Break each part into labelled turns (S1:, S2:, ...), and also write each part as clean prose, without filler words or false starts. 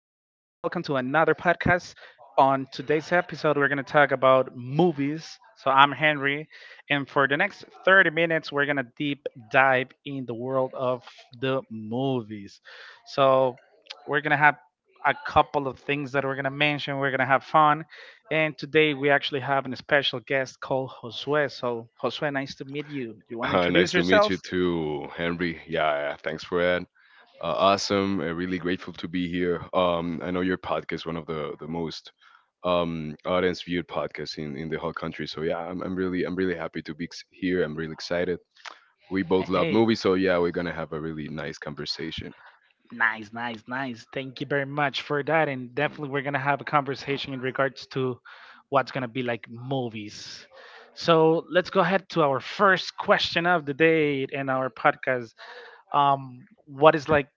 S1: to another podcast. On today's episode, we're going to talk about movies. So, I'm Henry, and for the next 30 minutes, we're going to deep dive in the world of the movies. So, we're going to have a couple of things that we're going to mention. We're going to have fun. And today, we actually have a special guest called Josue. So, Josue, nice to meet you. You want to introduce
S2: Nice to meet you
S1: yourself?
S2: too, Henry. Yeah, yeah, thanks for that. Awesome. Really grateful to be here. I know your podcast is one of the most audience viewed podcasts in the whole country. So yeah, I'm really happy to be here. I'm really excited. We both love
S1: Hey.
S2: movies, so yeah, we're gonna have a really nice conversation.
S1: Nice, nice, nice. Thank you very much for that. And definitely, we're gonna have a conversation in regards to what's gonna be like movies. So let's go ahead to our first question of the day in our podcast. What is like?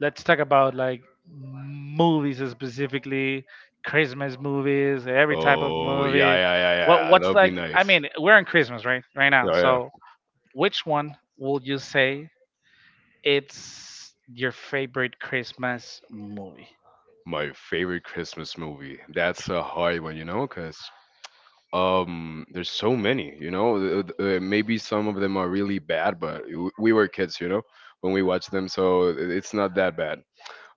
S1: Let's talk about like movies specifically, Christmas movies, every type of
S2: Oh yeah,
S1: movie.
S2: yeah, yeah,
S1: What
S2: yeah.
S1: what's
S2: That'd be
S1: like? I
S2: nice.
S1: mean, we're in Christmas right now.
S2: Yeah, yeah.
S1: So which one will you say it's your favorite Christmas movie?
S2: My favorite Christmas movie. That's a hard one, you know, because there's so many. You know, maybe some of them are really bad, but we were kids, you know, when we watched them, so it's not that bad.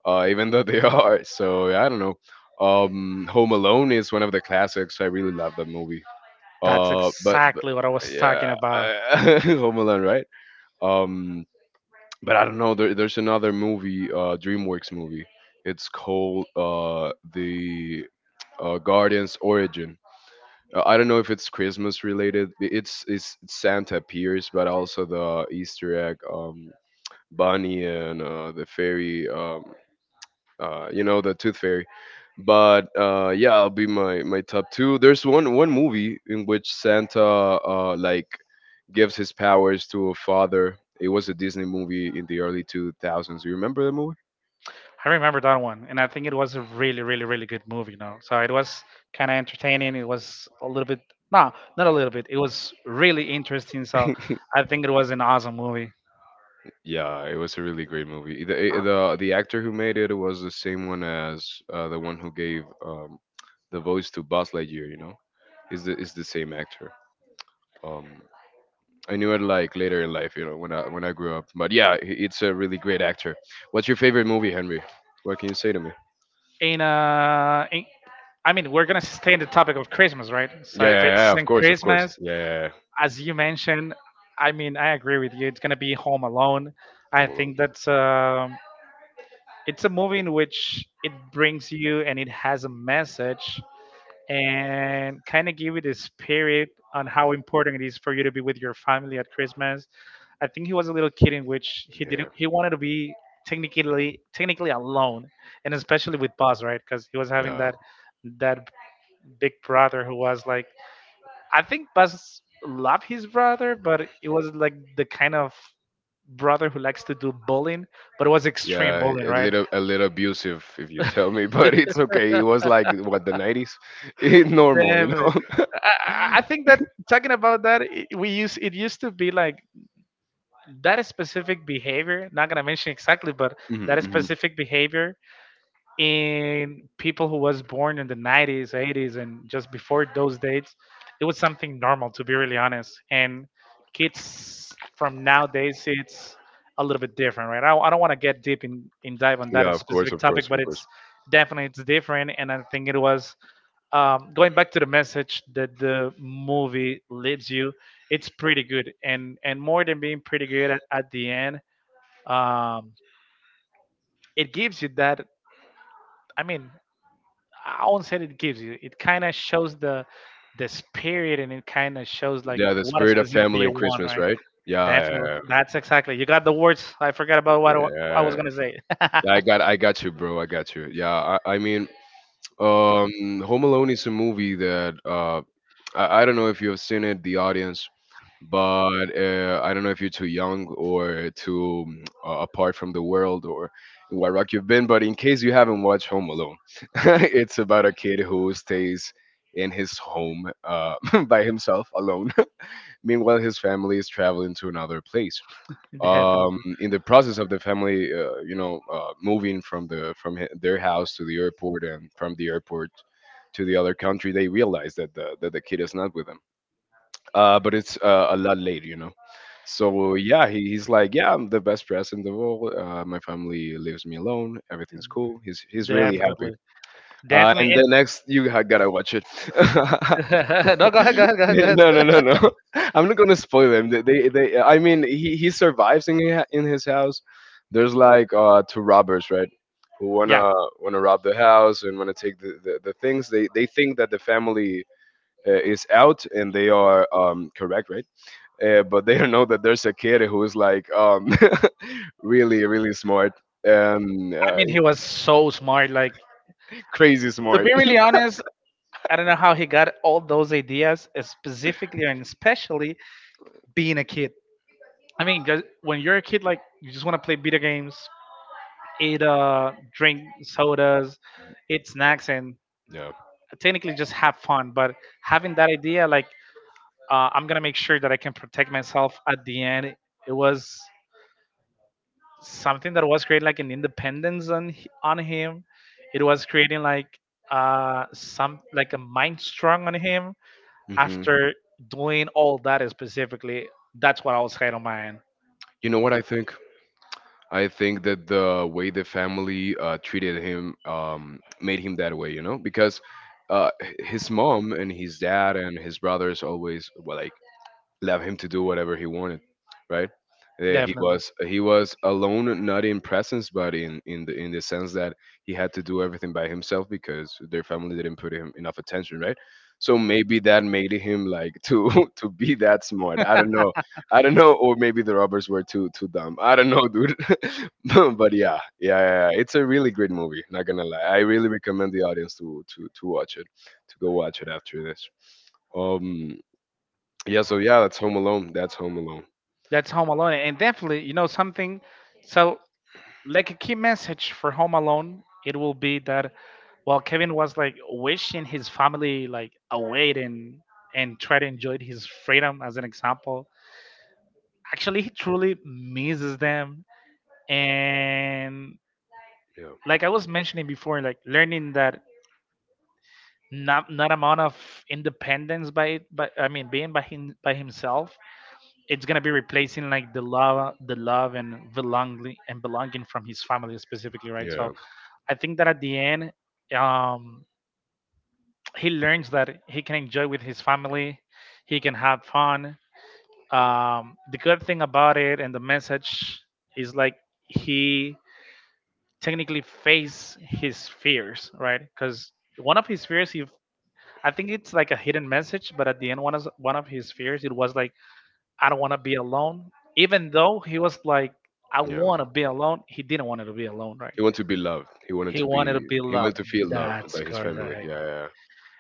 S2: Even though they are. So I don't know. Home Alone is one of the classics. I really love that movie.
S1: That's
S2: But
S1: exactly what I was talking
S2: yeah,
S1: about.
S2: Home Alone, right? Um, but I don't know. There's another movie, DreamWorks movie. It's called the Guardian's Origin. I don't know if it's Christmas related. It's Santa appears, but also the Easter egg, Bunny and the fairy. You know, the Tooth Fairy. But yeah, I'll be my, my top two. There's one movie in which Santa like gives his powers to a father. It was a Disney movie in the early 2000s. You remember the movie?
S1: I remember that one, and I think it was a really, really, really good movie. You know, so it was kind of entertaining. It was a little bit, no, not a little bit. It was really interesting. So I think it was an awesome movie.
S2: Yeah, it was a really great movie. The actor who made it was the same one as the one who gave the voice to Buzz Lightyear. You know, is the same actor. Um, I knew it like later in life. You know, when I grew up. But yeah, it's a really great actor. What's your favorite movie, Henry? What can you say to me?
S1: In uh, in, I mean, we're gonna stay in the topic of Christmas, right? So
S2: Yeah,
S1: if
S2: yeah,
S1: it's
S2: yeah, of
S1: in
S2: course, of course.
S1: Christmas,
S2: Yeah, yeah, yeah.
S1: as you mentioned, I mean, I agree with you. It's gonna be Home Alone. I
S2: Well,
S1: think that's um. It's a movie in which it brings you and it has a message and kind of give you the spirit on how important it is for you to be with your family at Christmas. I think he was a little kid in which he
S2: yeah,
S1: didn't he wanted to be technically alone and especially with Buzz, right? Because he was having
S2: yeah,
S1: that that big brother who was like, I think Buzz loved his brother, but it was like the kind of brother who likes to do bullying, but it was extreme
S2: yeah.
S1: bullying, right?
S2: A little abusive, if you tell me, but it's okay. It was like what, the 90s, it's normal, you
S1: Definitely.
S2: know.
S1: I I think that talking about that, we use it used to be like that specific behavior. Not gonna mention exactly, but
S2: Hmm,
S1: that
S2: hmm.
S1: specific behavior in people who was born in the '90s, '80s, and just before those dates, it was something normal. To be really honest, and kids from nowadays, it's a little bit different, right? I don't want to get deep in dive on
S2: Yeah,
S1: that
S2: of course,
S1: specific
S2: of
S1: topic,
S2: course,
S1: but
S2: of course.
S1: it's definitely it's different, and I think it was going back to the message that the movie leaves you, it's pretty good, and more than being pretty good at the end, um, it gives you that. I mean, I won't say it gives you. It kind of shows the spirit, and it kind of shows like
S2: Yeah, the
S1: what
S2: spirit of
S1: specifically
S2: family
S1: you
S2: and
S1: want,
S2: Christmas,
S1: right?
S2: right? Yeah,
S1: Definitely,
S2: yeah,
S1: that's exactly. You got the words. I forgot about what I wa- I was
S2: yeah.
S1: gonna say.
S2: Yeah, I got you, bro. I got you. Yeah, I mean, Home Alone is a movie that I don't know if you have seen it, the audience, but I don't know if you're too young or too apart from the world or in what rock you've been. But in case you haven't watched Home Alone, it's about a kid who stays in his home by himself alone. Meanwhile, his family is traveling to another place,
S1: Definitely,
S2: in the process of the family, you know, moving from their house to the airport and from the airport to the other country, they realize that the kid is not with them. But it's a lot later, you know. So yeah, he's like, yeah, I'm the best present of all. My family leaves me alone. Everything's cool. He's really happy.
S1: definitely, definitely.
S2: And then next, you gotta watch it.
S1: And no, go ahead, go ahead, go ahead, go
S2: No,
S1: ahead.
S2: no, no, no. I'm not gonna spoil him. They I mean, he survives in in his house. There's like two robbers, right? Who
S1: Yeah,
S2: wanna rob the house and wanna take the things. They think that the family is out and they are correct, right? But they don't know that there's a kid who is like really smart, um
S1: I
S2: uh,
S1: mean, he was so smart. Like,
S2: crazy
S1: to
S2: smart.
S1: be really honest, I don't know how he got all those ideas, specifically and especially being a kid. I mean, 'cause when you're a kid, like, you just want to play video games, eat, drink sodas, eat snacks, and
S2: Yeah.
S1: technically just have fun. But having that idea, like, I'm going to make sure that I can protect myself at the end, it was something that was creating like an independence on h- on him. It was creating like some like a mind strong on him
S2: Hmm.
S1: after doing all that specifically. That's what I was had on my end.
S2: You know what I think? I think that the way the family treated him made him that way, you know, because his mom and his dad and his brothers always, well, I left him to do whatever he wanted, right? He
S1: Definitely.
S2: was alone, not in presence, but in the sense that he had to do everything by himself because their family didn't put him enough attention, right? So maybe that made him like to to be that smart. I don't know, or maybe the robbers were too dumb. I don't know, dude. But yeah, yeah, yeah, yeah, it's a really great movie. Not gonna lie, I really recommend the audience to watch it, to go watch it after this. Um, yeah, so yeah, that's Home Alone. That's Home Alone.
S1: That's Home Alone. And definitely, you know, something so like a key message for Home Alone, it will be that while Kevin was like wishing his family like away and try to enjoy his freedom as an example, actually he truly misses them and
S2: Yeah.
S1: like I was mentioning before, like learning that not amount of independence by I mean being by him by himself, it's gonna be replacing like the love and belonging from his family specifically, right?
S2: Yeah.
S1: So I think that at the end, um, he learns that he can enjoy with his family, he can have fun. The good thing about it and the message is like he technically face his fears, right? Because one of his fears, he, I think it's like a hidden message, but at the end, one of his fears, it was like, I don't want to be alone. Even though he was like, I
S2: Yeah.
S1: want to be alone, he didn't want to be alone, right?
S2: He wanted to be loved.
S1: He wanted to be
S2: He
S1: loved.
S2: wanted to feel loved
S1: That's
S2: by his family.
S1: correct.
S2: Yeah. Yeah.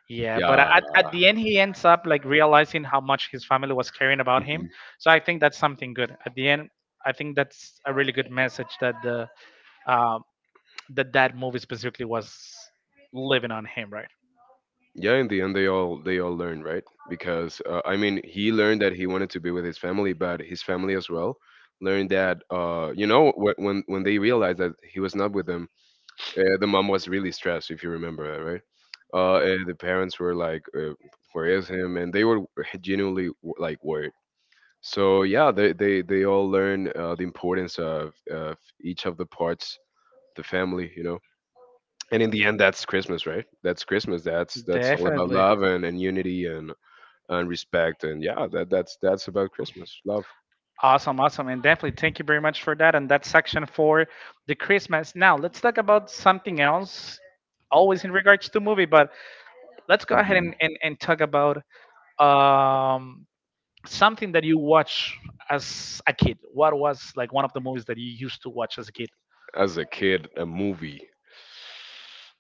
S1: Yeah, but at the end, he ends up like realizing how much his family was caring about
S2: Yeah.
S1: him.
S2: Hmm.
S1: So I think that's something good. At the end, I think that's a really good message that the uh, that that movie specifically was living on him, right?
S2: Yeah, in the end they all learned, right? Because I mean, he learned that he wanted to be with his family, but his family as well learned that you know, when when they realized that he was not with them. Yeah, the mom was really stressed, if you remember that, right? And the parents were like, "Where is him?" And they were genuinely like worried. So yeah, they all learn the importance of each of the parts, of the family, you know. And in the end, that's Christmas, right? That's Christmas. That's all about
S1: Definitely.
S2: love and unity and respect. And yeah, that's about Christmas, love.
S1: Awesome, awesome. And definitely thank you very much for that. And that's section for the Christmas. Now let's talk about something else, always in regards to movie, but let's go ahead
S2: Mhm.
S1: and talk about um something that you watch as a kid. What was like one of the movies that you used to watch as a kid?
S2: As a kid, a movie.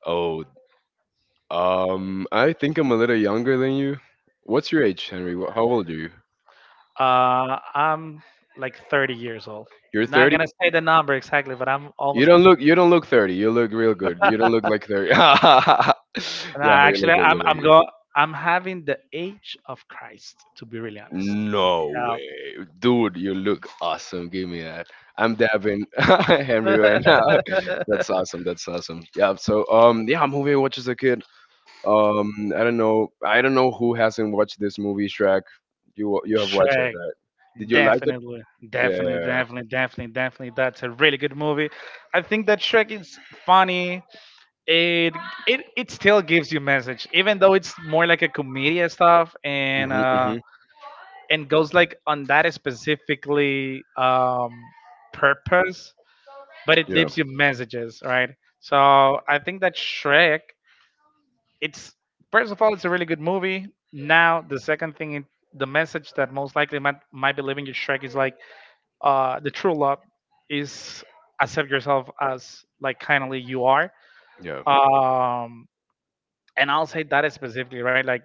S2: Oh, I think I'm a little younger than you. What's your age, Henry? How old are you?
S1: I'm like 30 years old.
S2: You're
S1: Not
S2: 30?
S1: gonna say the number exactly, but I'm
S2: You
S1: almost.
S2: don't look 30. You look real good. You don't look like 30.
S1: No,
S2: Yeah, but you look
S1: actually,
S2: good. You
S1: I'm go
S2: look
S1: I'm having the age of Christ to be really
S2: good.
S1: honest.
S2: No
S1: Now,
S2: way. Dude, you look awesome. Give me that. I'm dabbing Henry right now. That's awesome. That's awesome. Yeah, so yeah, movie I watched as a kid. I don't know. I don't know who hasn't watched this movie, Shrek. You have watched it,
S1: Shrek,
S2: right? Did you like it?
S1: definitely,
S2: Yeah, yeah,
S1: definitely,
S2: yeah.
S1: definitely, definitely, definitely. That's a really good movie. I think that Shrek is funny. It it still gives you message, even though it's more like a comedian stuff
S2: Hmm, hmm.
S1: and goes like on that specifically purpose, but it
S2: Yeah,
S1: leaves you messages, right? So I think that Shrek it's first of all, it's a really good movie. Now, the second thing, it- the message that most likely might be leaving your Shrek is like, the true love is accept yourself as like kindly you are.
S2: yeah,
S1: Um, and I'll say that specifically, right? Like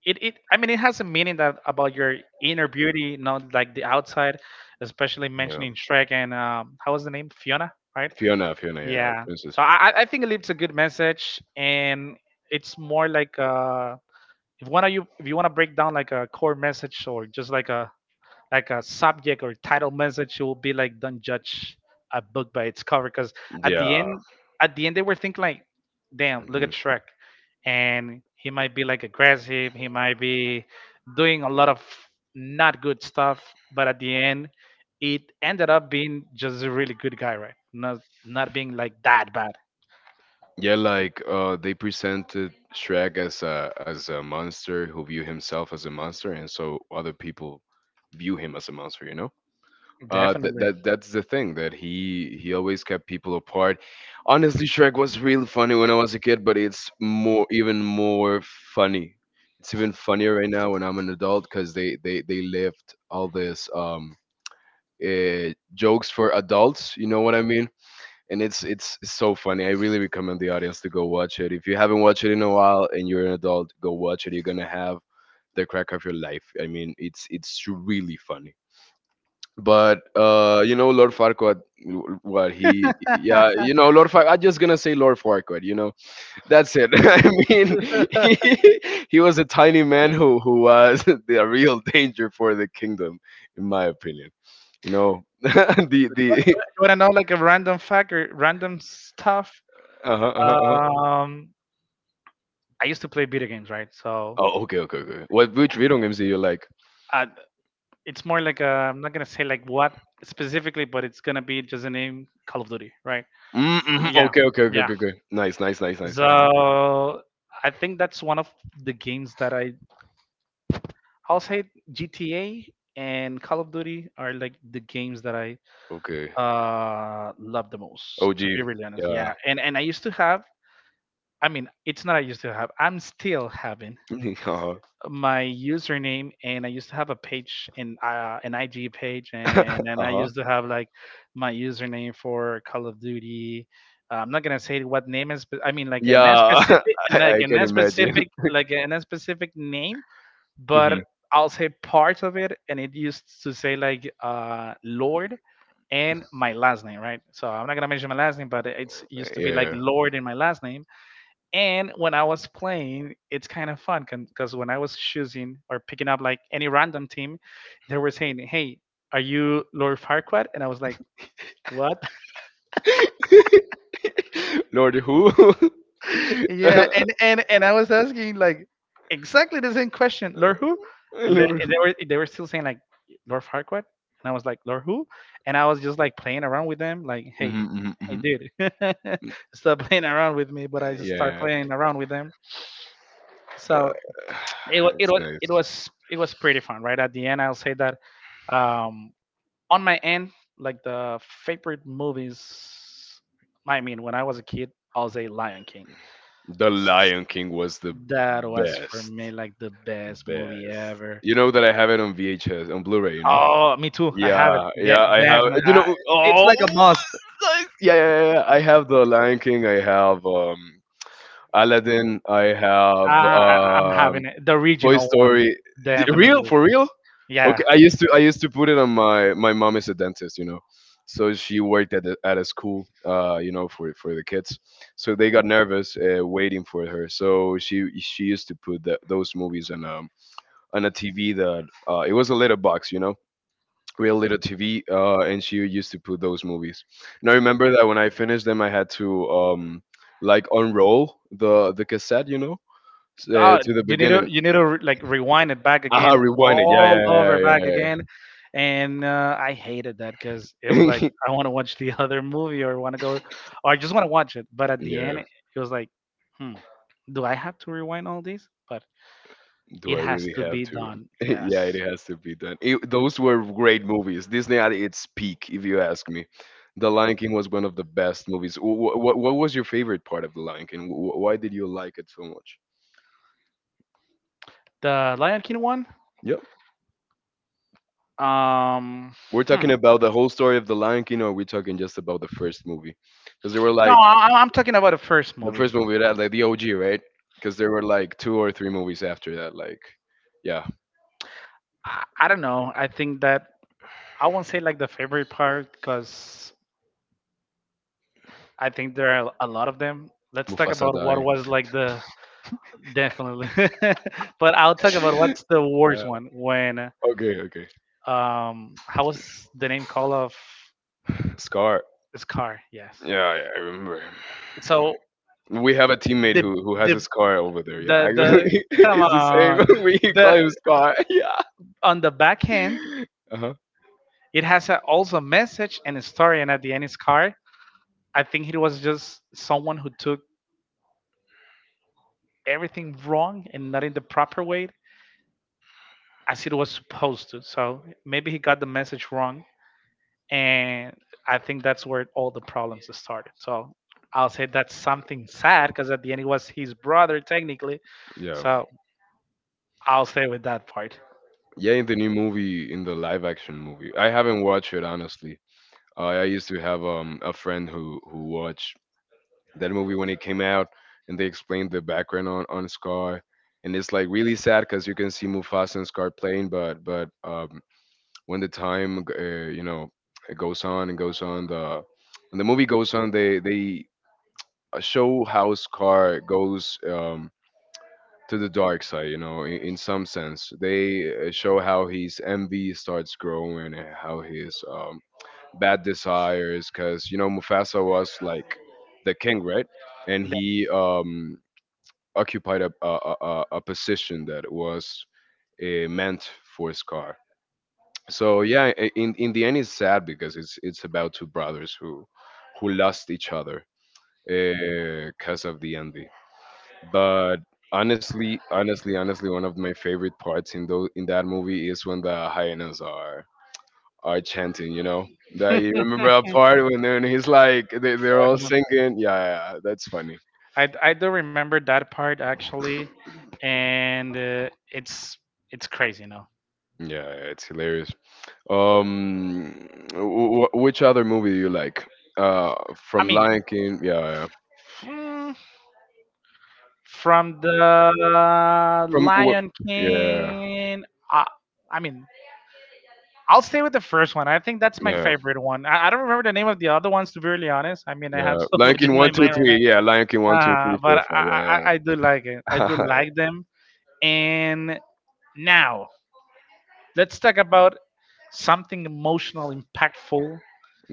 S1: it, I mean, it has a meaning that about your inner beauty, not like the outside, especially
S2: yeah.
S1: mentioning Shrek and how was the name? Fiona, right?
S2: Fiona, Fiona, yeah,
S1: Yeah.
S2: princess.
S1: So I think it leaves a good message and it's more like if one of you, if you want to break down like a core message or just like a subject or title message, it will be like don't judge a book by its cover. Because at the
S2: Yeah.
S1: end, at the end, they were thinking like, damn, look
S2: Hmm.
S1: at Shrek, and he might be like aggressive, he might be doing a lot of not good stuff, but at the end, it ended up being just a really good guy, right? Not not being like that bad.
S2: Yeah, like they presented Shrek as a monster who view himself as a monster, and so other people view him as a monster, you know.
S1: Definitely.
S2: That's the thing that he always kept people apart. Honestly, Shrek was really funny when I was a kid, but it's more even more funny. It's even funnier right now when I'm an adult because they left all this jokes for adults. You know what I mean? And it's so funny. I really recommend the audience to go watch it. If you haven't watched it in a while and you're an adult, go watch it. You're gonna have the crack of your life. I mean, it's really funny. But you know Lord Farquaad, w- what he, yeah, you
S1: You
S2: know Lord Far. I'm just gonna say Lord Farquaad. You know, that's it. I mean, he was a tiny man who was the real danger for the kingdom, in my opinion. You know, the the.
S1: want to know like a random fact or random stuff?
S2: Uh-huh, uh-huh, uh-huh.
S1: Um, I used to play video games, right? So
S2: Oh, okay, okay, okay, okay. What which video games you like?
S1: uh, it's more like I am not gonna say like what specifically, but it's gonna be just a name Call of Duty, right?
S2: Mm-hmm.
S1: Yeah,
S2: Okay, okay, okay,
S1: yeah.
S2: okay, okay. Nice, nice, nice, nice. Uh huh.
S1: So I think that's one of the games that I'll say GTA and Call of Duty are like the games that I
S2: Okay.
S1: love the most. To
S2: OG.
S1: be really honest, yeah.
S2: Yeah.
S1: And I used to have. I mean, it's not I used to have. I'm still having
S2: Uh huh.
S1: my username and I used to have a page in an IG page
S2: Uh
S1: and then I
S2: huh.
S1: used to have like my username for Call of Duty. I'm not gonna say what name is, but I mean
S2: Yeah, I can imagine.
S1: like an specific name,
S2: Mhm.
S1: but I'll say part of it, and it used to say like Lord and my last name, right? So I'm not gonna mention my last name, but it's used to be like
S2: Yeah.
S1: Lord in my last name, and when I was playing, it's kind of fun because when I was choosing or picking up like any random team, they were saying, "Hey, are you Lord Farquaad?" And I was like, "What?"
S2: Lord who?
S1: Yeah, and I was asking like exactly the same question, "Lord who?"
S2: Lord.
S1: And they were still saying like Lord Farquaad, and I was like, "Lord who?" And I was just like playing around with them, like, "Hey,
S2: Mhm, mhm,
S1: hey,
S2: mhm.
S1: dude, stop playing around with me!" But I just start
S2: Yeah.
S1: playing around with them.
S2: Uh,
S1: So it was it
S2: That's
S1: was
S2: nice.
S1: it was it was pretty fun right at the end. I'll say that, um on my end, like, the favorite movies. I mean, when I was a kid, I'll say Lion King.
S2: The Lion King was the
S1: That was for
S2: best.
S1: me like the best movie
S2: Best.
S1: ever.
S2: You know that I have it on VHS, on Blu-ray, you know?
S1: Oh, me too, I have it,
S2: Yeah,
S1: yeah,
S2: yeah, I have.
S1: definitely.
S2: You know,
S1: It's
S2: oh,
S1: like a must.
S2: nice. Yeah, yeah, yeah, yeah. I have the Lion King. I have Aladdin. I
S1: uh,
S2: have
S1: I, i'm having it, the
S2: Toy
S1: original one.
S2: Story. Real
S1: Definitely.
S2: for real?
S1: Yeah.
S2: Okay, I used to put it on my mom is a dentist, you know, so she worked at a school, you know, for the kids, so they got nervous waiting for her. So she used to put the, those movies on a TV that it was a little box, you know, real little TV, and she used to put those movies. And I remember that when I finished them, I had to like unroll the cassette, you know,
S1: Oh,
S2: to the
S1: you need to
S2: beginning.
S1: you need to like rewind it back
S2: Ah,
S1: again,
S2: rewind it. Yeah,
S1: all over
S2: yeah, yeah,
S1: back again,
S2: yeah,
S1: and I hated that because it was
S2: yeah.
S1: like
S2: Yeah.
S1: I want to watch the other movie, or want to go, or I just want to watch it. But at the end,
S2: Yeah,
S1: it was like, hmm, do I have to rewind all these? But
S2: do
S1: it
S2: I
S1: has
S2: really
S1: to
S2: have
S1: be
S2: to?
S1: done. Yes,
S2: Yeah, it has to be done. Those were great movies. Disney at its peak, if you ask me. The Lion King was one of the best movies. What was your favorite part of The Lion King? Why did you like it so much?
S1: the Lion King one.
S2: Yeah.
S1: Um,
S2: We're
S1: hmm.
S2: talking about the whole story of The Lion King, or are we talking just about the first movie? Because there were
S1: No,
S2: like
S1: I'm talking about the first
S2: the
S1: movie.
S2: first movie that like the OG, right? Because there were like two or three movies after that. Yeah,
S1: I don't know. I think that I won't say like the favorite part because I think there are a lot of them. Let's talk
S2: Mufasa
S1: about what was like the, definitely. But I'll talk about
S2: died.
S1: what's the worst one when,
S2: Okay, okay.
S1: how was the name called of
S2: Scar.
S1: Scar? Yes.
S2: Yeah, yeah, I remember.
S1: So,
S2: We have a teammate
S1: the
S2: who has
S1: the
S2: a scar over there. Yeah,
S1: the
S2: actually,
S1: the come
S2: it's the same.
S1: on,
S2: we call
S1: the
S2: him Scar.
S1: on the back end,
S2: Yeah. Uh huh.
S1: it has also a message and a story, and at the end is Scar. I think it was just someone who took everything wrong and not in the proper way as it was supposed to. So maybe he got the message wrong, and I think that's where all the problems started. So I'll say that's something sad, because at the end it was his brother technically.
S2: Yeah.
S1: So I'll stay with that part.
S2: Yeah, in the new movie, in the live action movie, I haven't watched it honestly. I used to have a friend who watched that movie when it came out, and they explained the background on Scar, and it's like really sad because you can see Mufasa and Scar playing, but but when the time you know, it goes on and goes on, the when the movie goes on, they show how Scar goes to the dark side, you know, in some sense they show how his envy starts growing, and how his bad desires, because you know Mufasa was like the king, right? And he occupied a position that was meant for Scar. So yeah, in the end it's sad because it's about two brothers who lost each other because of the envy. But honestly, one of my favorite parts in those in that movie is when the hyenas are chanting, you know, that
S1: Def-
S2: you remember that part when they're, and he's like they're all
S1: Definitely.
S2: singing. Yeah, yeah, that's funny.
S1: I do remember that part actually, and it's crazy, no?
S2: Yeah, it's hilarious. um which other movie do you like
S1: I
S2: from
S1: mean,
S2: Lion King? Yeah, yeah.
S1: mm, from the
S2: From wh-
S1: Lion
S2: yeah,
S1: King. Uh, I mean, I'll stay with the first one. I think that's my
S2: yeah,
S1: favorite one. I don't remember the name of the other ones, to be really honest. I mean, I have
S2: yeah.
S1: so
S2: Lion
S1: much
S2: King
S1: in my
S2: one, two,
S1: mind right now.
S2: three. Yeah, Lion King one, two, three,
S1: But
S2: four,
S1: I, I,
S2: five. Yeah,
S1: I I do like it. I do
S2: yeah.
S1: like them. And now let's talk about something emotional, impactful,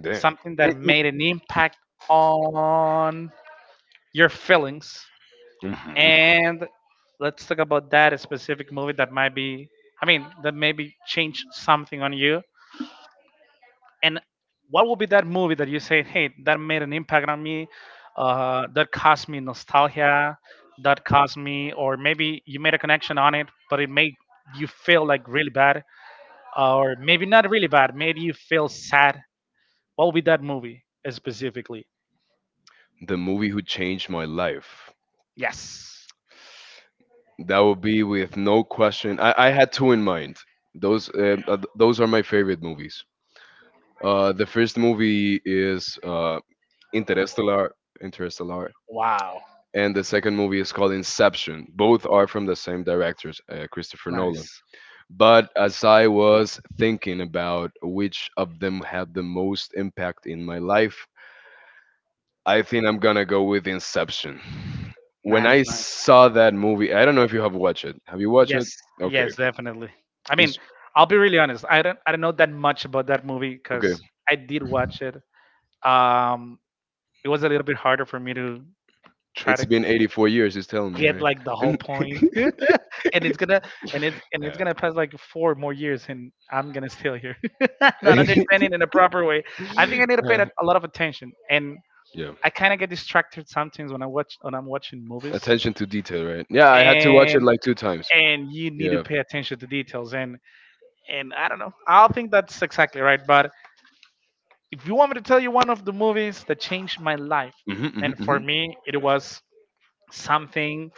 S2: Damn.
S1: something that made an impact on your feelings.
S2: Hmm.
S1: And let's talk about that specific movie that might be, I mean, that maybe change something on you. And what would be that movie that you say, "Hey, that made an impact on me, that caused me nostalgia, that caused me," or maybe you made a connection on it, but it made you feel like really bad, or maybe not really bad, made you feel sad. What would be that movie specifically?
S2: The movie who changed my life.
S1: Yes.
S2: That would be with no question. I had two in mind. Those those are my favorite movies. The first movie is Interstellar, Interstellar,
S1: Wow.
S2: and the second movie is called Inception. Both are from the same directors, Christopher Nolan.
S1: Nice.
S2: But as I was thinking about which of them had the most impact in my life, I think I'm gonna go with Inception. When
S1: Nice.
S2: I
S1: Nice.
S2: saw that movie, I don't know if you have watched it. Have you watched it?
S1: Yes,
S2: Okay.
S1: yes, definitely. I mean,
S2: It's
S1: I'll be really honest. I don't know that much about that movie
S2: okay.
S1: because I did watch it. Um, it was a little bit harder for me to try
S2: It's
S1: to
S2: been 84 years, he's telling me,
S1: get like the whole
S2: right?
S1: point. and it's gonna and it's
S2: yeah.
S1: gonna pass like four more years, and I'm gonna still here, not understanding in a proper way. I think I need to pay
S2: Uh,
S1: that a lot of attention, and
S2: yeah.
S1: I kind of get distracted sometimes when I'm watching movies,
S2: Attention to detail, right? Yeah, I had to watch it
S1: and
S2: like two times.
S1: and you need to
S2: Yeah.
S1: pay attention to details. And I don't know. I don't think that's exactly right. But if you want me to tell you one of the movies that changed my life,
S2: Hmm.
S1: and for
S2: Hmm.
S1: me, it was something.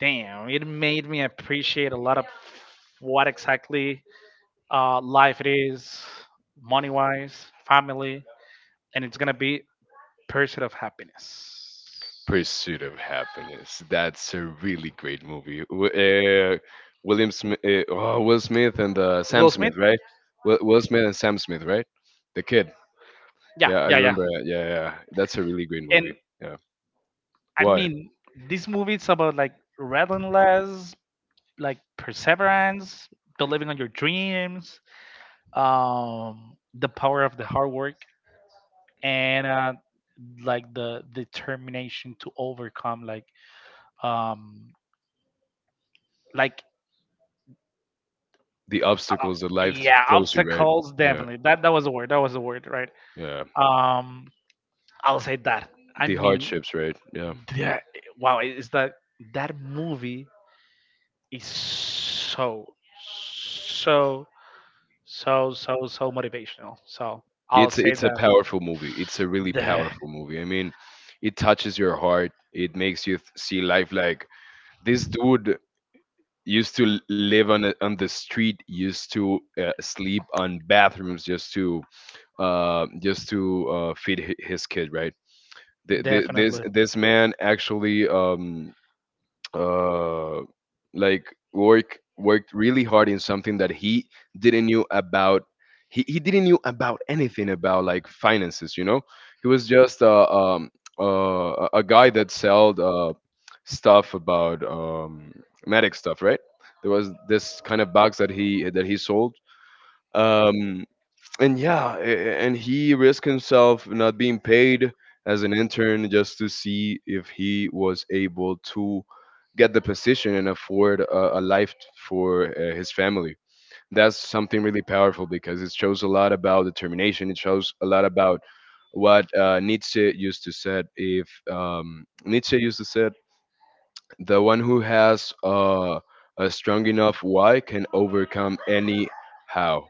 S1: Damn, it made me appreciate a lot of what exactly life it is, money wise, family, and it's gonna be Pursuit of Happiness.
S2: Pursuit of Happiness. That's a really great movie. William Smith, oh, Will Smith and Sam
S1: Will Smith.
S2: Smith, right? Will Smith and Sam Smith, right? The kid.
S1: Yeah,
S2: Yeah, I
S1: yeah, yeah.
S2: remember that. Yeah, yeah, yeah. That's a really great
S1: And
S2: movie. Yeah.
S1: I
S2: Why?
S1: mean, this movie is about like relentless, like perseverance, believing on your dreams, the power of the hard work, and like the determination to overcome, like, um, like,
S2: The
S1: uh,
S2: obstacles that
S1: yeah,
S2: throws you, right?
S1: obstacles,
S2: Yeah,
S1: definitely. That was a word, that was a word, right?
S2: yeah.
S1: um, I'll say that. I
S2: The
S1: mean
S2: hardships, right? Yeah.
S1: that, wow, is that, that movie is so, so, so, so, so motivational. So I'll say
S2: It's a
S1: that,
S2: powerful movie. It's a really
S1: de-
S2: powerful movie. I mean, it touches your heart. It makes see life like this dude live on on the street, used to sleep on bathrooms just to feed his kid, right?
S1: definitely.
S2: This man actually, uh, like worked really hard in something that he didn't knew about. He didn't knew about anything about like finances, you know. He was just a guy that sold stuff about medic stuff, right? There was this kind of box that he sold, um, and yeah, and he risked himself not being paid as an intern just to see if he was able to get the position and afford a life for his family. That's something really powerful because it shows a lot about determination. It shows a lot about what Nietzsche used to said. If Nietzsche used to said, the one who has a strong enough why can overcome any how.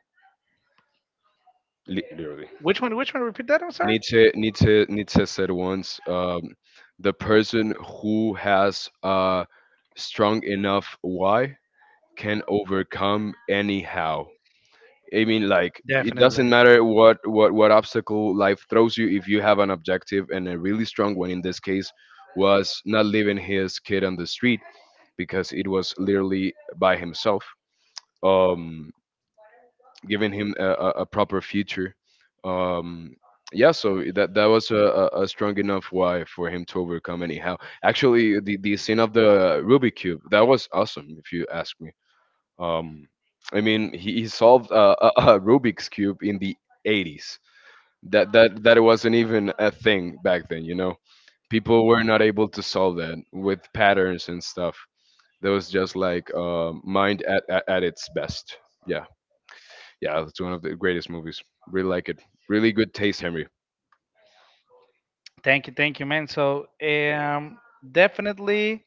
S2: Literally.
S1: Which one? Repeat that, I'm sorry.
S2: Nietzsche said once, the person who has a strong enough why can overcome anyhow. I mean, like it
S1: Definitely.
S2: doesn't matter what what obstacle life throws you if you have an objective and a really strong one. In this case, was not leaving his kid on the street because it was literally by himself. Um, giving him a proper future. Um, yeah, so that that was a strong enough why for him to overcome anyhow. Actually, the scene of the Rubik cube, that was awesome, if you ask me. Um, I mean, he solved a Rubik's cube in the '80s. That that wasn't even a thing back then. You know, people were not able to solve that with patterns and stuff. That was just like mind at its best. Yeah. Yeah, it's one of the greatest movies. Really like it. Really good taste, Henry.
S1: Thank you, man. So, definitely.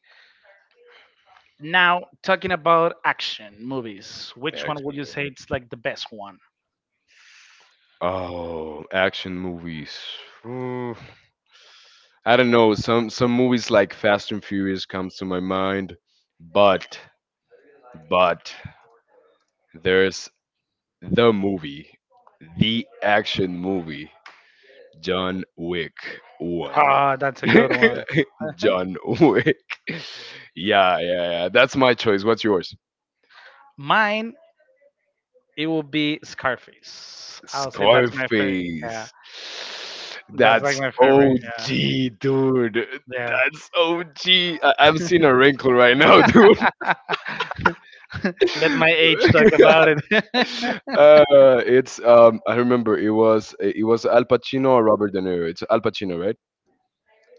S1: Now, talking about action movies,
S2: Yeah,
S1: which one would
S2: X-Men.
S1: you say it's like the best one?
S2: Oh, action movies. Mm, I don't know. Some movies like Fast and Furious comes to my mind, but but there's the movie, the action movie, John Wick 1.
S1: Ah, that's a good one.
S2: John Wick. Yeah, yeah, yeah. That's my choice. What's yours?
S1: Mine, it will be Scarface. I'll say that's my favorite. Yeah,
S2: Scarface.
S1: that's like
S2: That's
S1: my favorite.
S2: OG, dude.
S1: Yeah,
S2: That's OG. Am seeing a wrinkle right now, dude.
S1: yeah. Let my age talk about it.
S2: uh, it's I remember it was Al Pacino or Robert De Niro. It's Al Pacino, right?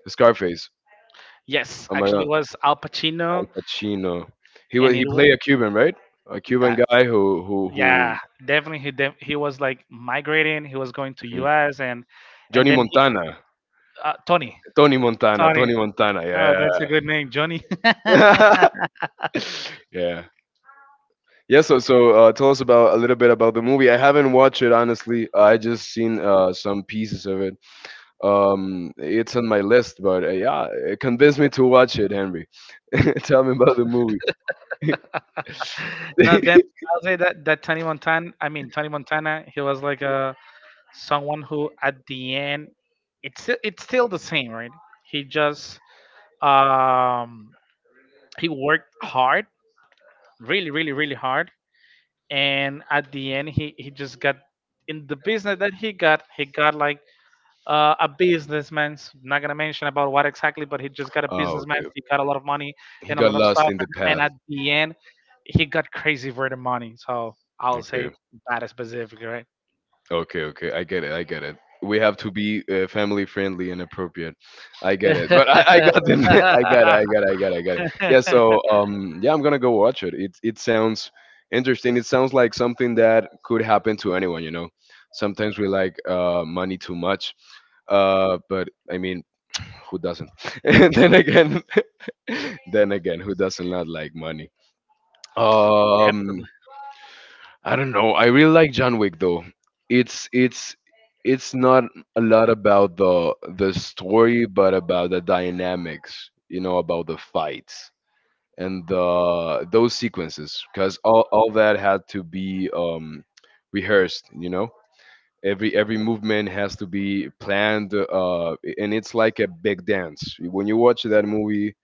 S2: Scarface.
S1: Yes,
S2: Oh my God,
S1: actually, it
S2: Al
S1: was Al Pacino,
S2: Pacino.
S1: and
S2: He played a Cuban, right? A Cuban
S1: that,
S2: guy
S1: yeah,
S2: who.
S1: definitely he was like migrating, he was going to
S2: Mhm.
S1: us, and
S2: Johnny
S1: then he,
S2: Montana,
S1: uh, tony
S2: Tony Montana,
S1: tony
S2: Tony Montana.
S1: Oh,
S2: Yeah.
S1: that's a good name, Johnny.
S2: yeah. Yeah. Yeah, so so tell us about a little bit about the movie. I haven't watched it honestly. I just seen some pieces of it. It's on my list, but yeah, it convinced me to watch it. Henry, tell me about the movie.
S1: No, then I'll say that Tony Montana, I mean, Tony Montana, he was like a, someone who at the end, it's still the same, right? He just, um he worked hard, really, really, really hard, and at the end he just got in the business that he got like, a businessman. Not gonna mention about what exactly, but he just got a
S2: oh,
S1: businessman.
S2: okay.
S1: He got a lot of money
S2: He
S1: and a
S2: got
S1: lot of
S2: lost
S1: stuff,
S2: in the
S1: and
S2: path.
S1: at the end, he got crazy for the money. So I'll
S2: Okay.
S1: say that is specific, right?
S2: Okay, okay, I get it. I get it. We have to be family friendly and appropriate. I get it. But I got them. I got it. I got it. I got it. I got it. Yeah. So yeah, I'm gonna go watch it. It sounds interesting. It sounds like something that could happen to anyone. You know, sometimes we like money too much. But I mean, who doesn't? then again, who doesn't not like money? Um,
S1: Definitely,
S2: I don't know. I really like John Wick though. It's it's it's not a lot about the story, but about the dynamics. You know, about the fights and the those sequences, because all that had to be rehearsed. You know, every movement has to be planned. And it's like a big dance. When you watch that movie,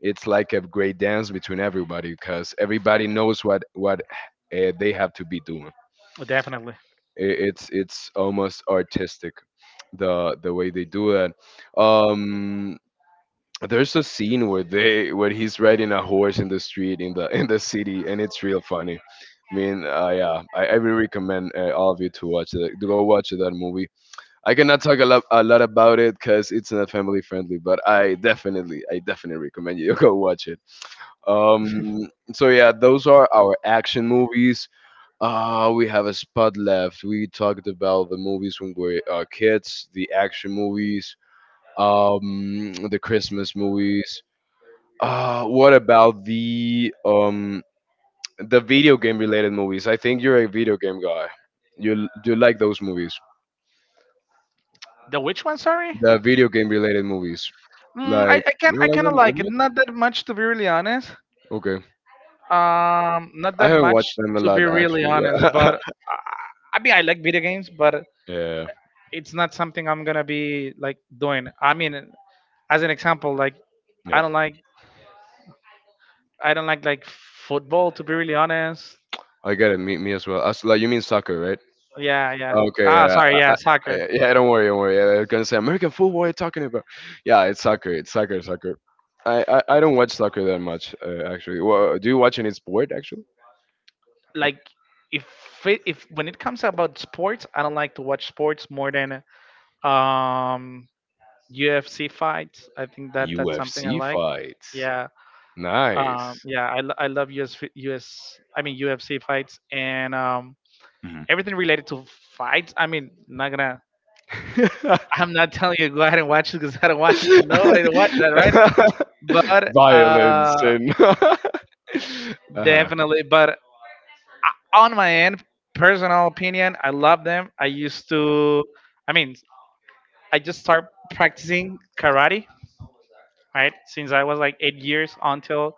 S2: it's like a great dance between everybody, because everybody knows what they have to be doing.
S1: definitely.
S2: I- it's almost artistic the way they do that. um there's a scene where he's riding a horse in the street in the in the city, and it's real funny. I mean, yeah, I really recommend all of you to watch it to go watch that movie. I cannot talk a lot about it because it's not family friendly, but I definitely, I definitely recommend you go watch it. um so yeah, those are our action movies. We have a spot left. We talked about the movies when we were kids, the action movies, the Christmas movies. What about the video game related movies? I think you're a video game guy. You like those movies,
S1: The which one? Sorry,
S2: the video game related movies. Like you don't
S1: I
S2: like
S1: kind of
S2: them that
S1: like it.
S2: much?
S1: Not that much, to be really honest.
S2: Okay,
S1: Not
S2: I
S1: that
S2: haven't watched
S1: much,
S2: them a
S1: to be
S2: lot
S1: really
S2: actually.
S1: honest.
S2: Yeah,
S1: But I, I mean, I like video games, but
S2: yeah,
S1: it's not something I'm gonna be like doing. I mean, as an example, like
S2: yeah.
S1: I don't like I don't like like football, to be really honest.
S2: I get it. Me as well. As like you mean soccer?
S1: Yeah, yeah.
S2: Okay,
S1: Ah,
S2: yeah,
S1: sorry,
S2: I,
S1: yeah,
S2: I,
S1: soccer.
S2: yeah. Don't worry, don't worry. Yeah, I was gonna say American football. What are you talking about? Yeah, it's soccer. It's soccer, soccer. I don't watch soccer that much, actually. Well, do you watch any sport, actually?
S1: Like, if if when it comes about sports, I don't like to watch sports more than um UFC fights. I think that that's something I
S2: UFC
S1: like.
S2: fights.
S1: Yeah.
S2: Nice.
S1: Yeah, I love US, UFC fights, and
S2: Mhm.
S1: everything related to fights. I mean, not gonna I'm not telling you go ahead and watch it because I don't want nobody to watch that, right? But
S2: Violence and uh huh.
S1: definitely. But on my end, personal opinion, I love them. I used to. I mean, I just started practicing karate, right? Since I was like 8 years until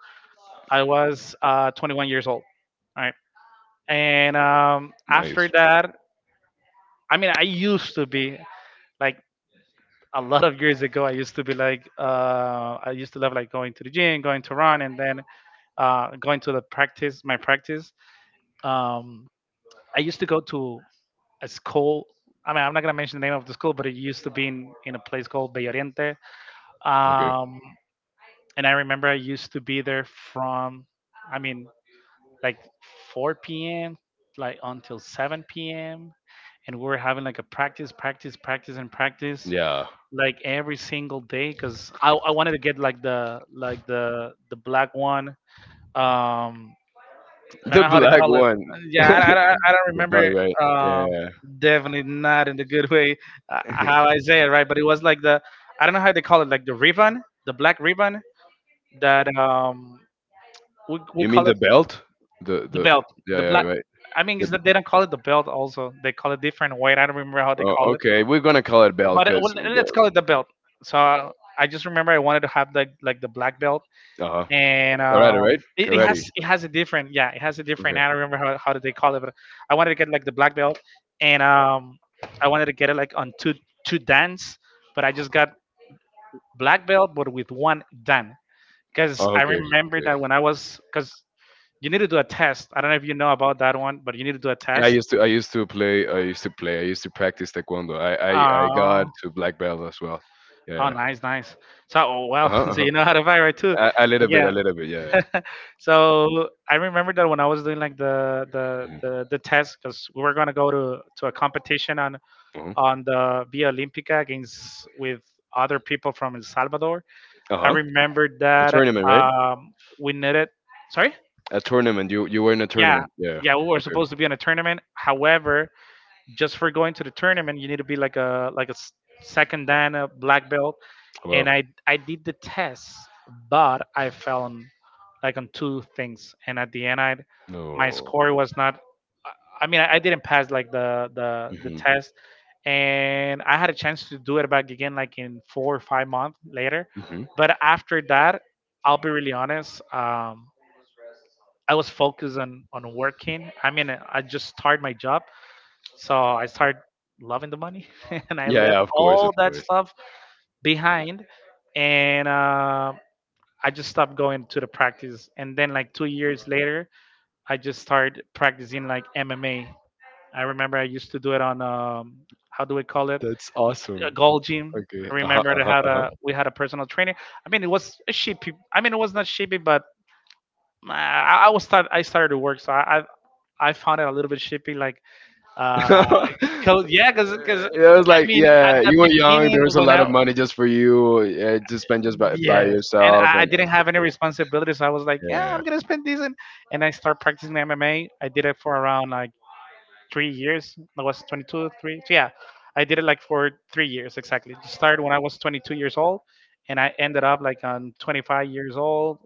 S1: I was 21 years old, right? And
S2: Nice.
S1: after that, I mean, I used to be like a lot of years ago. I used to love like going to the gym, going to run, and then going to the practice, my practice. Um, I used to go to a school. I mean, I'm not gonna mention the name of the school, but it used to be in a place called Bello Oriente.
S2: Okay.
S1: Um, and I remember I used to be there from, I mean, like 4 p.m. like until 7 p.m. And we were having like a practice, practice, practice, and practice
S2: Yeah.
S1: like every single day because I wanted to get like the like the black one, um I don't
S2: The
S1: know how to
S2: black
S1: call it.
S2: one.
S1: Yeah, I don't
S2: The
S1: remember.
S2: value, right? Yeah,
S1: Uh,
S2: yeah, yeah.
S1: definitely not in the good way, how I say it, right? But it was like the, I don't know how they call it, like the ribbon, the black ribbon that, we
S2: You mean
S1: call
S2: the
S1: it
S2: belt?
S1: the
S2: The
S1: belt,
S2: Yeah,
S1: the
S2: yeah,
S1: black.
S2: right.
S1: I mean,
S2: The,
S1: it's that they don't call it the belt. Also, they call it different way. I don't remember how they
S2: oh,
S1: call it,
S2: okay, we're gonna call it belt
S1: but well,
S2: because
S1: let's call it the belt. So I just remember I wanted to have like the black belt,
S2: uh huh.
S1: and
S2: Karate, right?
S1: it, it has
S2: Karate.
S1: it has a different, yeah, it has a different,
S2: Okay.
S1: I don't remember how did they call it, but I wanted to get like the black belt, and I wanted to get it like on two dan's, but I just got black belt but with one dan because
S2: Oh,
S1: I
S2: okay.
S1: remember
S2: Okay.
S1: that when I was, because you need to do a test. I don't know if you know about that one, but you need to do a
S2: Yeah, I
S1: test.
S2: used to. I used to play. I used to play. I used to practice taekwondo. I
S1: uh,
S2: got to black belt as well.
S1: oh,
S2: Yeah.
S1: nice, nice. So, oh,
S2: Uh
S1: well,
S2: huh.
S1: so
S2: Uh-huh. Uh-huh.
S1: you know how to fight, right, too?
S2: A little bit. A
S1: Yeah.
S2: little bit. Yeah.
S1: So I remember that when I was doing like the the
S2: Yeah.
S1: the, the test because we were gonna go to a competition
S2: Mm-hmm.
S1: on the Via Olímpica against with other people from El Salvador.
S2: Uh
S1: I
S2: huh.
S1: remember
S2: A
S1: that,
S2: tournament, right?
S1: we needed. Sorry.
S2: A tournament. You were in a
S1: Yeah.
S2: tournament. Yeah. Yeah.
S1: Yeah, we were
S2: Okay.
S1: supposed to be in a tournament. However, just for going to the tournament, you need to be like a second dan, a black belt, and
S2: Well.
S1: I did the test, but I fell on like on two things, and at the end, I my
S2: No.
S1: score was not. I I mean, I didn't pass like the
S2: Hmm.
S1: test, and I had a chance to do it back again like in 4 or 5 months later.
S2: Hmm.
S1: But after that, I'll be really honest. I was focused on working. I mean, I just started my job, so I started loving the money, and I
S2: Yeah,
S1: left
S2: yeah, of course,
S1: all
S2: of
S1: that
S2: course.
S1: stuff behind, and I just stopped going to the practice. And then, like 2 years later, I just started practicing like MMA. I remember I used to do it on how do we call it,
S2: That's
S1: a
S2: awesome.
S1: gold gym.
S2: Okay.
S1: I
S2: Uh-huh,
S1: remember I
S2: uh-huh,
S1: had
S2: uh-huh.
S1: a we had a personal trainer. I mean, it was a sheepy. I mean, it was not sheepy, but I started to work, so I found it a little bit shippy, like, uh, cause yeah,
S2: It was
S1: I
S2: like,
S1: mean, at
S2: yeah,
S1: the
S2: you were young.
S1: beginning
S2: There was a
S1: when
S2: lot
S1: I
S2: of money just for you to spend just by
S1: yes, and
S2: yourself,
S1: I
S2: and of
S1: didn't have any
S2: course,
S1: responsibilities, so I was like, yeah,
S2: yeah,
S1: I'm gonna spend this, and I start practicing MMA. I did it for around like 3 years. I was 22, three, so yeah, I did it like for 3 years exactly. It started when I was 22 years old, and I ended up like on 25 years old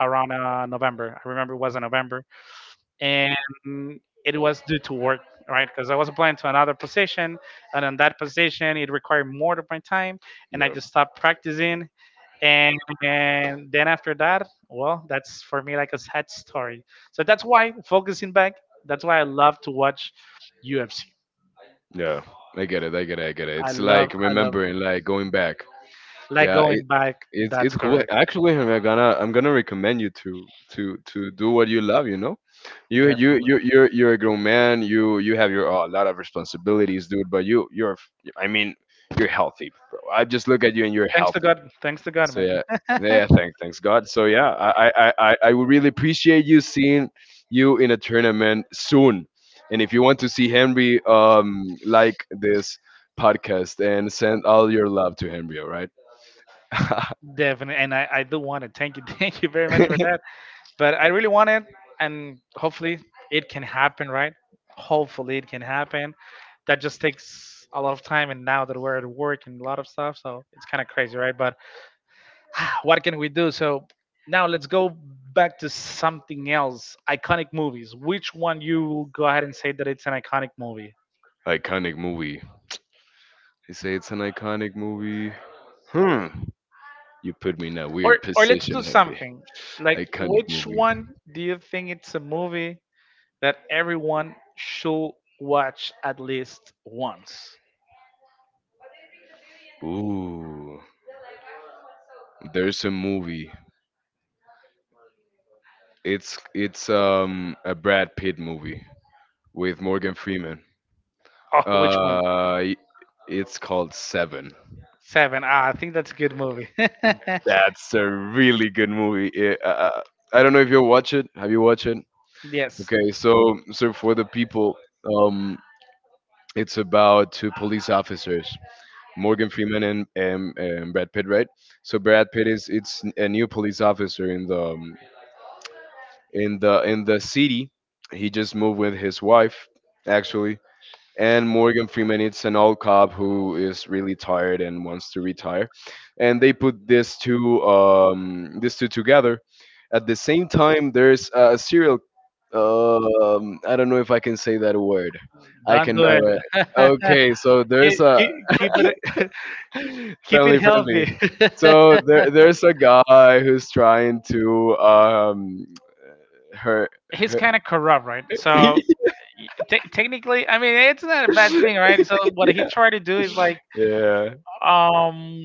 S1: around November. I remember it was in November, and it was due to work, right? Because I was applying to another position, and on that position, it required more of my time, and I
S2: yeah.
S1: just stopped practicing. And, and then after that, well, that's for me like a sad story. So that's why focusing back. That's why I love to watch UFC.
S2: Yeah, I get it. I get it. I get it.
S1: I
S2: It's
S1: love,
S2: like
S1: I love
S2: remembering, like going back.
S1: like
S2: Yeah,
S1: going
S2: it
S1: back.
S2: it's
S1: That's
S2: it's cool.
S1: correct,
S2: Actually, Henry, I'm gonna recommend you to to do what you love. you you
S1: definitely.
S2: you you're you're a grown man. You have your a lot of responsibilities, dude. But you're I mean you're healthy, bro. I just look at you and you're
S1: Thanks to
S2: healthy.
S1: God. Thanks to God,
S2: So
S1: man.
S2: yeah, yeah. Thanks, thanks God. So yeah, I would really appreciate you seeing you in a tournament soon. And if you want to see Henry, like this podcast and send all your love to Henry. All right.
S1: Definitely. And I do want to thank you. Thank you very much for that. But I really wanted, and hopefully it can happen, right? Hopefully it can happen. That just takes a lot of time, and now that we're at work and a lot of stuff, so it's kind of crazy, right? But what can we do? So now let's go back to something else. Iconic movies, which one you will go ahead and say that it's an iconic movie?
S2: Iconic movie. They say it's an iconic movie. Hmm. You put me in a
S1: or
S2: weird
S1: or let's do
S2: position, Henry.
S1: something like,
S2: Iconic
S1: which
S2: movie.
S1: one do you think it's a movie that everyone should watch at least once?
S2: Ooh, there's a movie. It's a Brad Pitt movie with Morgan Freeman.
S1: Oh, which one?
S2: Uh, y- it's called Seven.
S1: Seven. Ah, I think that's a good movie.
S2: That's a really good movie. It, I don't know if you'll watch it. Have you watched it?
S1: Yes.
S2: Okay, so so for the people, um, it's about two police officers, Morgan Freeman and, and Brad Pitt, right? So Brad Pitt is it's a new police officer in the in the city. He just moved with his wife, actually, and Morgan Freeman it's an old cop who is really tired and wants to retire and they put these two together at the same time there's a serial I don't know if I can say that word I
S1: Don't do
S2: cannot.
S1: it.
S2: Okay so there's
S1: Keep,
S2: a
S1: keep, keep it. Keep it
S2: family friendly
S1: healthy.
S2: so there's a guy who's trying to her,
S1: He's
S2: her
S1: kind of corrupt, right? So technically, I mean, it's not a bad thing, right? So what he
S2: yeah
S1: tried to do is like,
S2: yeah
S1: um,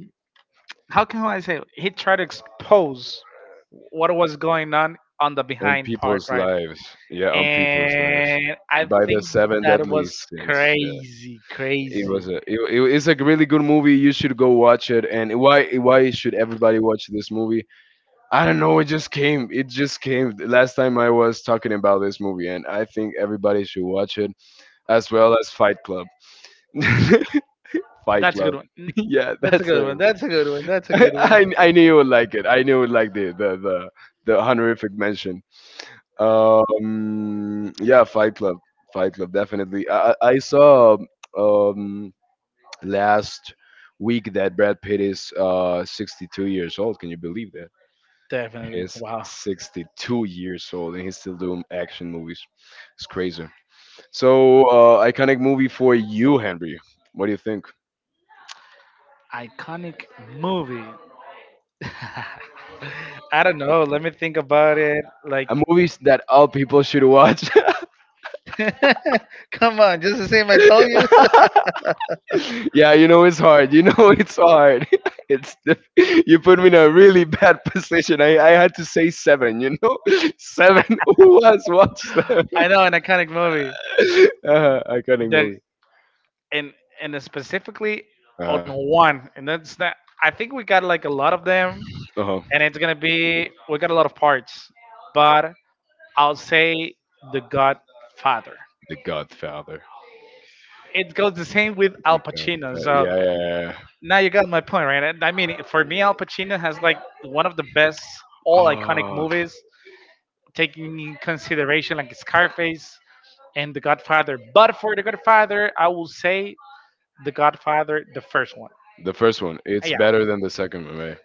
S1: how can I say it? He tried to expose what was going on the
S2: on
S1: behind part,
S2: people's
S1: right?
S2: lives. Yeah, on people's lives.
S1: And I
S2: By the
S1: think
S2: seven
S1: that
S2: deadly
S1: was
S2: sins. Yeah,
S1: crazy,
S2: it
S1: crazy.
S2: was a it's a really good movie. You should go watch it. And why should everybody watch this movie? I don't know. It just came. It just came the last time I was talking about this movie, and I think everybody should watch it as well as Fight Club. Fight
S1: That's a good
S2: Club.
S1: one. That's
S2: Yeah, that's it.
S1: a good one.
S2: I knew you would like it. I knew you would like the the, honorific mention. Yeah, Fight Club, Fight Club, definitely. I saw um last week that Brad Pitt is 62 years old. Can you believe that?
S1: Definitely.
S2: He's
S1: Wow.
S2: 62 years old and he's still doing action movies. It's crazy. So, iconic movie for you, Henry. What do you think?
S1: Iconic movie. I don't know. Let me think about it. Like,
S2: A movies that all people should watch.
S1: come on, just the same I told you.
S2: Yeah, you know it's hard. You know it's hard. It's diff- you put me in a really bad position. I had to say seven. You know, seven. Who has watched seven?
S1: I know an iconic movie.
S2: Iconic
S1: The
S2: movie.
S1: and and specifically
S2: Uh,
S1: on one, and that's that. I think we got like a lot of them,
S2: oh,
S1: and it's gonna be we got a lot of parts. But I'll say the Godfather.
S2: The Godfather.
S1: It goes the same with Al
S2: The
S1: Pacino.
S2: Godfather.
S1: So
S2: Yeah, yeah,
S1: now you got my point, right? I mean, for me, Al Pacino has like one of the best, all iconic
S2: yeah.
S1: movies, taking in consideration like Scarface and The Godfather. But for The Godfather, I will say The
S2: Oh,
S1: Godfather, the first one.
S2: the first one, it's
S1: Yeah,
S2: better than the second one, right?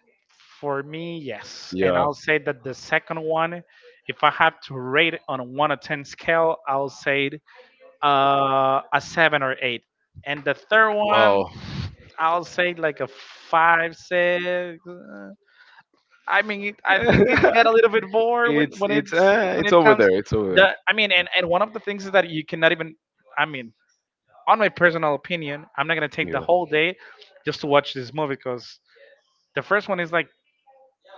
S1: for me, yes. And
S2: Yeah.
S1: I'll say that the second one, if I have to rate it on a 1 to 10 scale, I'll say it, a 7 or 8. And the third one,
S2: Wow.
S1: I'll say like a 5, 6. I mean, I think it got a little bit more when it's when
S2: It's
S1: it
S2: over
S1: comes.
S2: there. It's over there.
S1: The I mean, and one of the things is that you cannot even. I mean, on my personal opinion, I'm not gonna take the
S2: Yeah.
S1: whole day just to watch this movie because the first one is like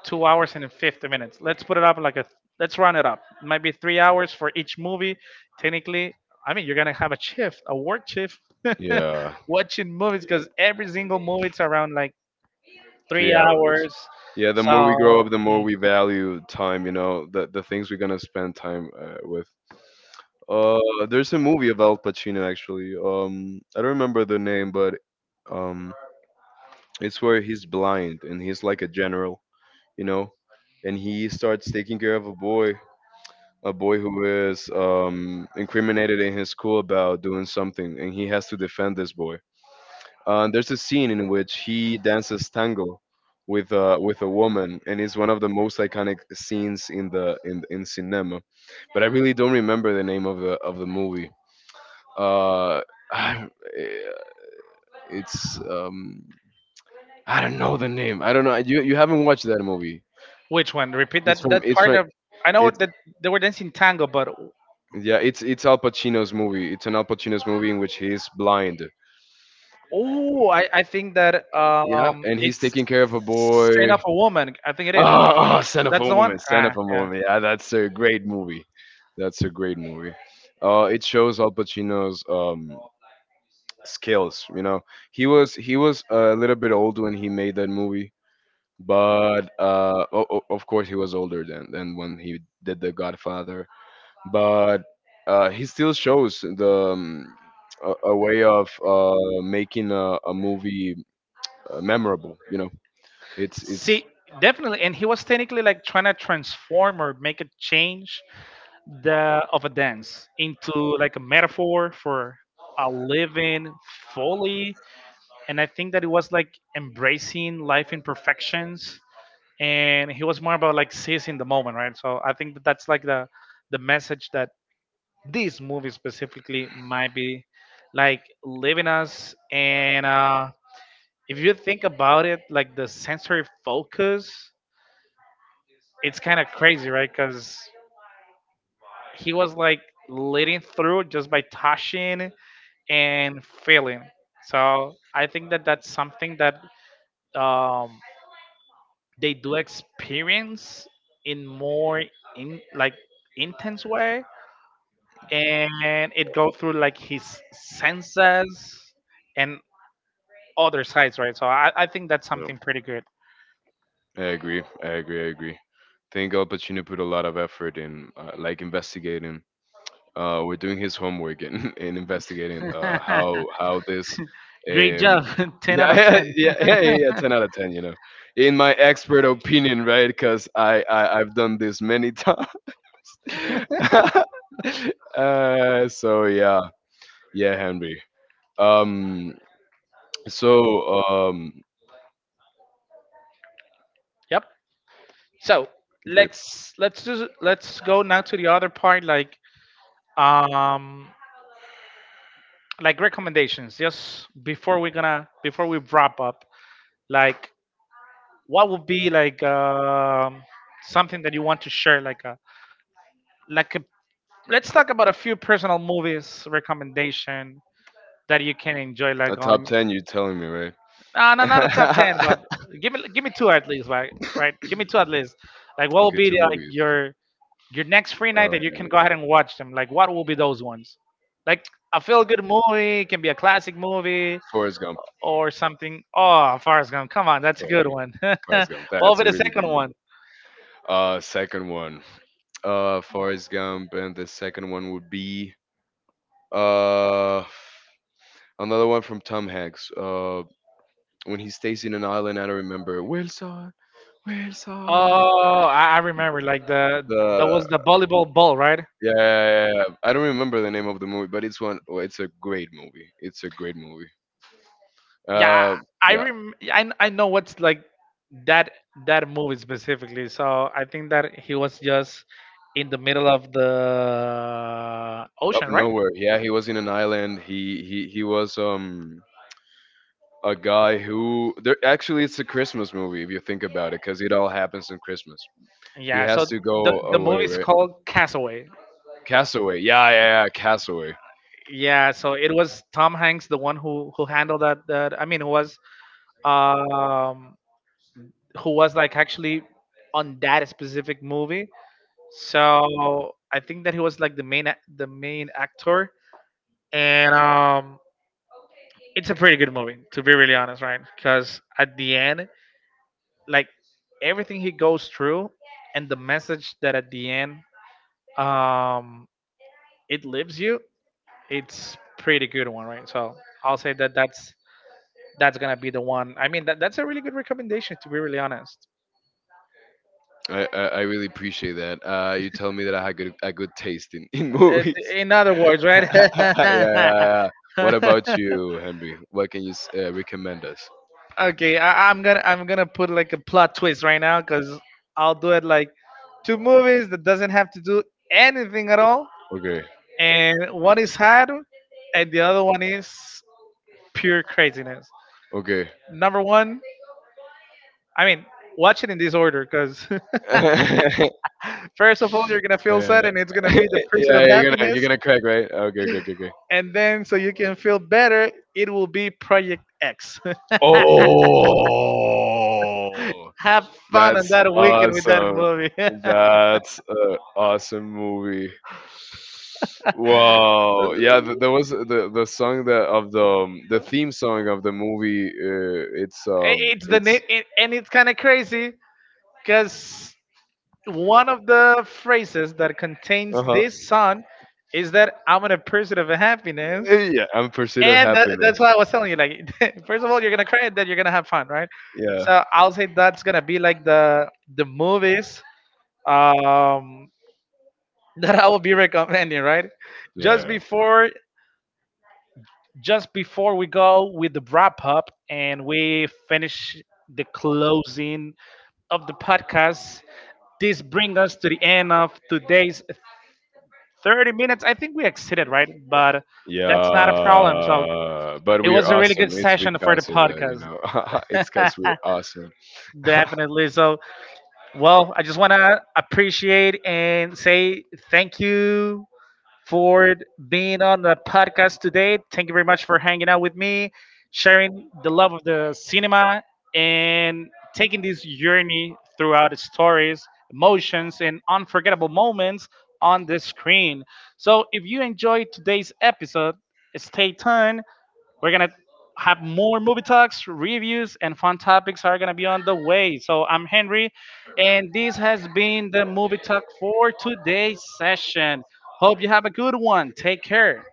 S1: 2 hours and 50 minutes. Let's put it up like a. Let's round it up. It might be 3 hours for each movie. Technically, I mean, you're gonna have a shift, a work shift,
S2: Yeah.
S1: watching movies because every single movie it's around like three
S2: 3 hours.
S1: hours.
S2: Yeah. The more we grow
S1: So.
S2: up, the more we value time. You know, the things we're gonna spend time with. Uh, there's a movie of Al Pacino actually. I don't remember the name, but um, it's where he's blind and he's like a general. You know, and he starts taking care of a boy who is incriminated in his school about doing something, and he has to defend this boy. There's a scene in which he dances tango with a woman, and it's one of the most iconic scenes in the in cinema. But I really don't remember the name of the movie. Uh, I, eh, it's I don't know the name. I don't know. You haven't watched that movie.
S1: Which one? Repeat
S2: It's
S1: that
S2: from
S1: that
S2: it's
S1: part
S2: from
S1: of. I know that they were dancing tango, but
S2: yeah, it's Al Pacino's movie. It's an Al Pacino's movie in which he's blind.
S1: oh, I think that
S2: Yeah, and he's
S1: it's
S2: taking care of a
S1: sign
S2: boy.
S1: of a Woman. I think it is.
S2: Oh, oh Son of
S1: That's
S2: a
S1: the one.
S2: Woman, Son
S1: Ah,
S2: of a
S1: yeah.
S2: Woman. Yeah, that's a great movie. That's a great movie. It shows Al Pacino's skills. You know, he was a little bit old when he made that movie, but of course he was older than when he did The Godfather but he still shows the a way of making a movie memorable. You know, it's it's.
S1: See, definitely, and he was technically like trying to transform or make a change the of a dance into like a metaphor for a living fully, and I think that it was like embracing life imperfections, and he was more about like seizing the moment, right? So I think that that's like the message that this movie specifically might be like leaving us. And if you think about it, like the sensory focus, it's kind of crazy, right? Because he was like leading through just by touching and feeling. So I think that that's something that um, they do experience in more in like intense way, and it goes through like his senses and other sides, right? So I think that's
S2: You know,
S1: something pretty good.
S2: I agree. I agree. I agree. Think Al Pacino put a lot of effort in, like investigating. We're doing his homework and, and investigating how this.
S1: Great
S2: Um,
S1: job, ten out
S2: yeah,
S1: of ten.
S2: ten out of ten. You know, in my expert opinion, right? Because I've done this many times. So yeah, yeah, Henry. Um, so um,
S1: Yep. So
S2: okay,
S1: let's go now to the other part, um like recommendations. Just before we're gonna before we wrap up, like what would be like something that you want to share, like a like a let's talk about a few personal movies recommendation that you can enjoy
S2: a
S1: like
S2: top
S1: on
S2: ten. You're telling me, right?
S1: no, not a top 10,
S2: Okay,
S1: but give me two at least, right, right, give me two at least. Like what will be
S2: two
S1: the, like
S2: movies.
S1: your your next free night
S2: Um,
S1: that you can go ahead and watch them. Like what will be those ones? Like a feel good movie, it can be a classic movie
S2: Forrest Gump.
S1: or something. Oh, Forrest Gump, come on, that's a
S2: Forrest
S1: good
S2: Gump.
S1: one.
S2: Forrest
S1: What
S2: Gump.
S1: will
S2: That's
S1: be
S2: a
S1: the
S2: really good
S1: second
S2: movie.
S1: one?
S2: Second one. Forrest Gump, and the second one would be uh, another one from Tom Hanks. When he stays in an island. I don't remember Wilson, Wilson.
S1: Oh, I remember like the that
S2: The
S1: was the volleyball ball, right?
S2: yeah, yeah, yeah, yeah. I don't remember the name of the movie, but it's one. Oh, it's a great movie. It's a great movie.
S1: Yeah,
S2: Uh,
S1: i
S2: yeah,
S1: rem- I, I know what's like that that movie specifically. So I think that he was just in the middle of the
S2: out
S1: ocean,
S2: of
S1: right?
S2: nowhere. Yeah, he was in an island. He was a guy who there actually it's a Christmas movie if you think about it, because it all happens on Christmas. He
S1: Yeah,
S2: has
S1: so
S2: to
S1: the
S2: go
S1: the
S2: away,
S1: movie is
S2: right?
S1: called Castaway.
S2: Castaway. Yeah, yeah, yeah. Castaway.
S1: Yeah, so it was Tom Hanks, the one who handled that, I mean, um who was like actually on that specific movie. So I think that he was like the main actor. And it's a pretty good movie to be really honest, right? Because at the end, like, everything he goes through, and the message that at the end, um it leaves you. It's pretty good one, right? So I'll say that that's gonna be the one. I mean, that, that's a really good recommendation, to be really honest.
S2: I really appreciate that. You tell me that I had good a good taste in
S1: Uh,
S2: movies.
S1: in other words, right?
S2: Yeah, yeah, yeah. What about you, Henry? What can you recommend us?
S1: Okay, I'm gonna put like a plot twist right now because I'll do it like two movies that doesn't have to do anything at all,
S2: Okay,
S1: and one is had, and the other one is pure craziness.
S2: okay.
S1: Number one, I mean, watch it in this order because
S2: Yeah,
S1: first of all, you're gonna feel
S2: yeah,
S1: sad, and it's gonna
S2: yeah.
S1: be the pursuit
S2: Yeah,
S1: of
S2: you're gonna you're
S1: happiness,
S2: gonna crack, right? Okay, okay, okay, okay.
S1: and then so you can feel better, it will be Project X.
S2: Oh.
S1: Have fun on
S2: That's
S1: that weekend with that
S2: awesome.
S1: movie.
S2: That's an awesome movie. Wow. Yeah, there was the song that of the theme song of the movie.
S1: It's the name,
S2: It's
S1: and it's kind of crazy because one of the phrases that
S2: uh
S1: contains
S2: huh.
S1: this song is that I'm in a pursuit of happiness.
S2: Yeah, I'm pursuit of
S1: And that's
S2: happiness.
S1: why I was telling you, like, first of all, you're gonna cry, and then you're gonna have fun, right?
S2: Yeah,
S1: So I'll say that's gonna be like the movies um, that I will be recommending, right? Just
S2: yeah,
S1: before, just before we go with the wrap up and we finish the closing of the podcast, this brings us to the end of today's 30 minutes. I think we exceeded, right? But that's not a problem. So
S2: yeah. But
S1: it
S2: we are
S1: was a really
S2: awesome.
S1: good
S2: It's
S1: session for the
S2: because of that, you
S1: podcast.
S2: know. It's because we're awesome.
S1: Definitely. So, well, I just want to appreciate and say thank you for being on the podcast today. Thank you very much for hanging out with me, sharing the love of the cinema, and taking this journey throughout its stories, emotions, and unforgettable moments on the screen. So, if you enjoyed today's episode, stay tuned. We're gonna have more movie talks, reviews, and fun topics are gonna be on the way. So I'm Henry, and this has been the movie talk for today's session. Hope you have a good one. Take care.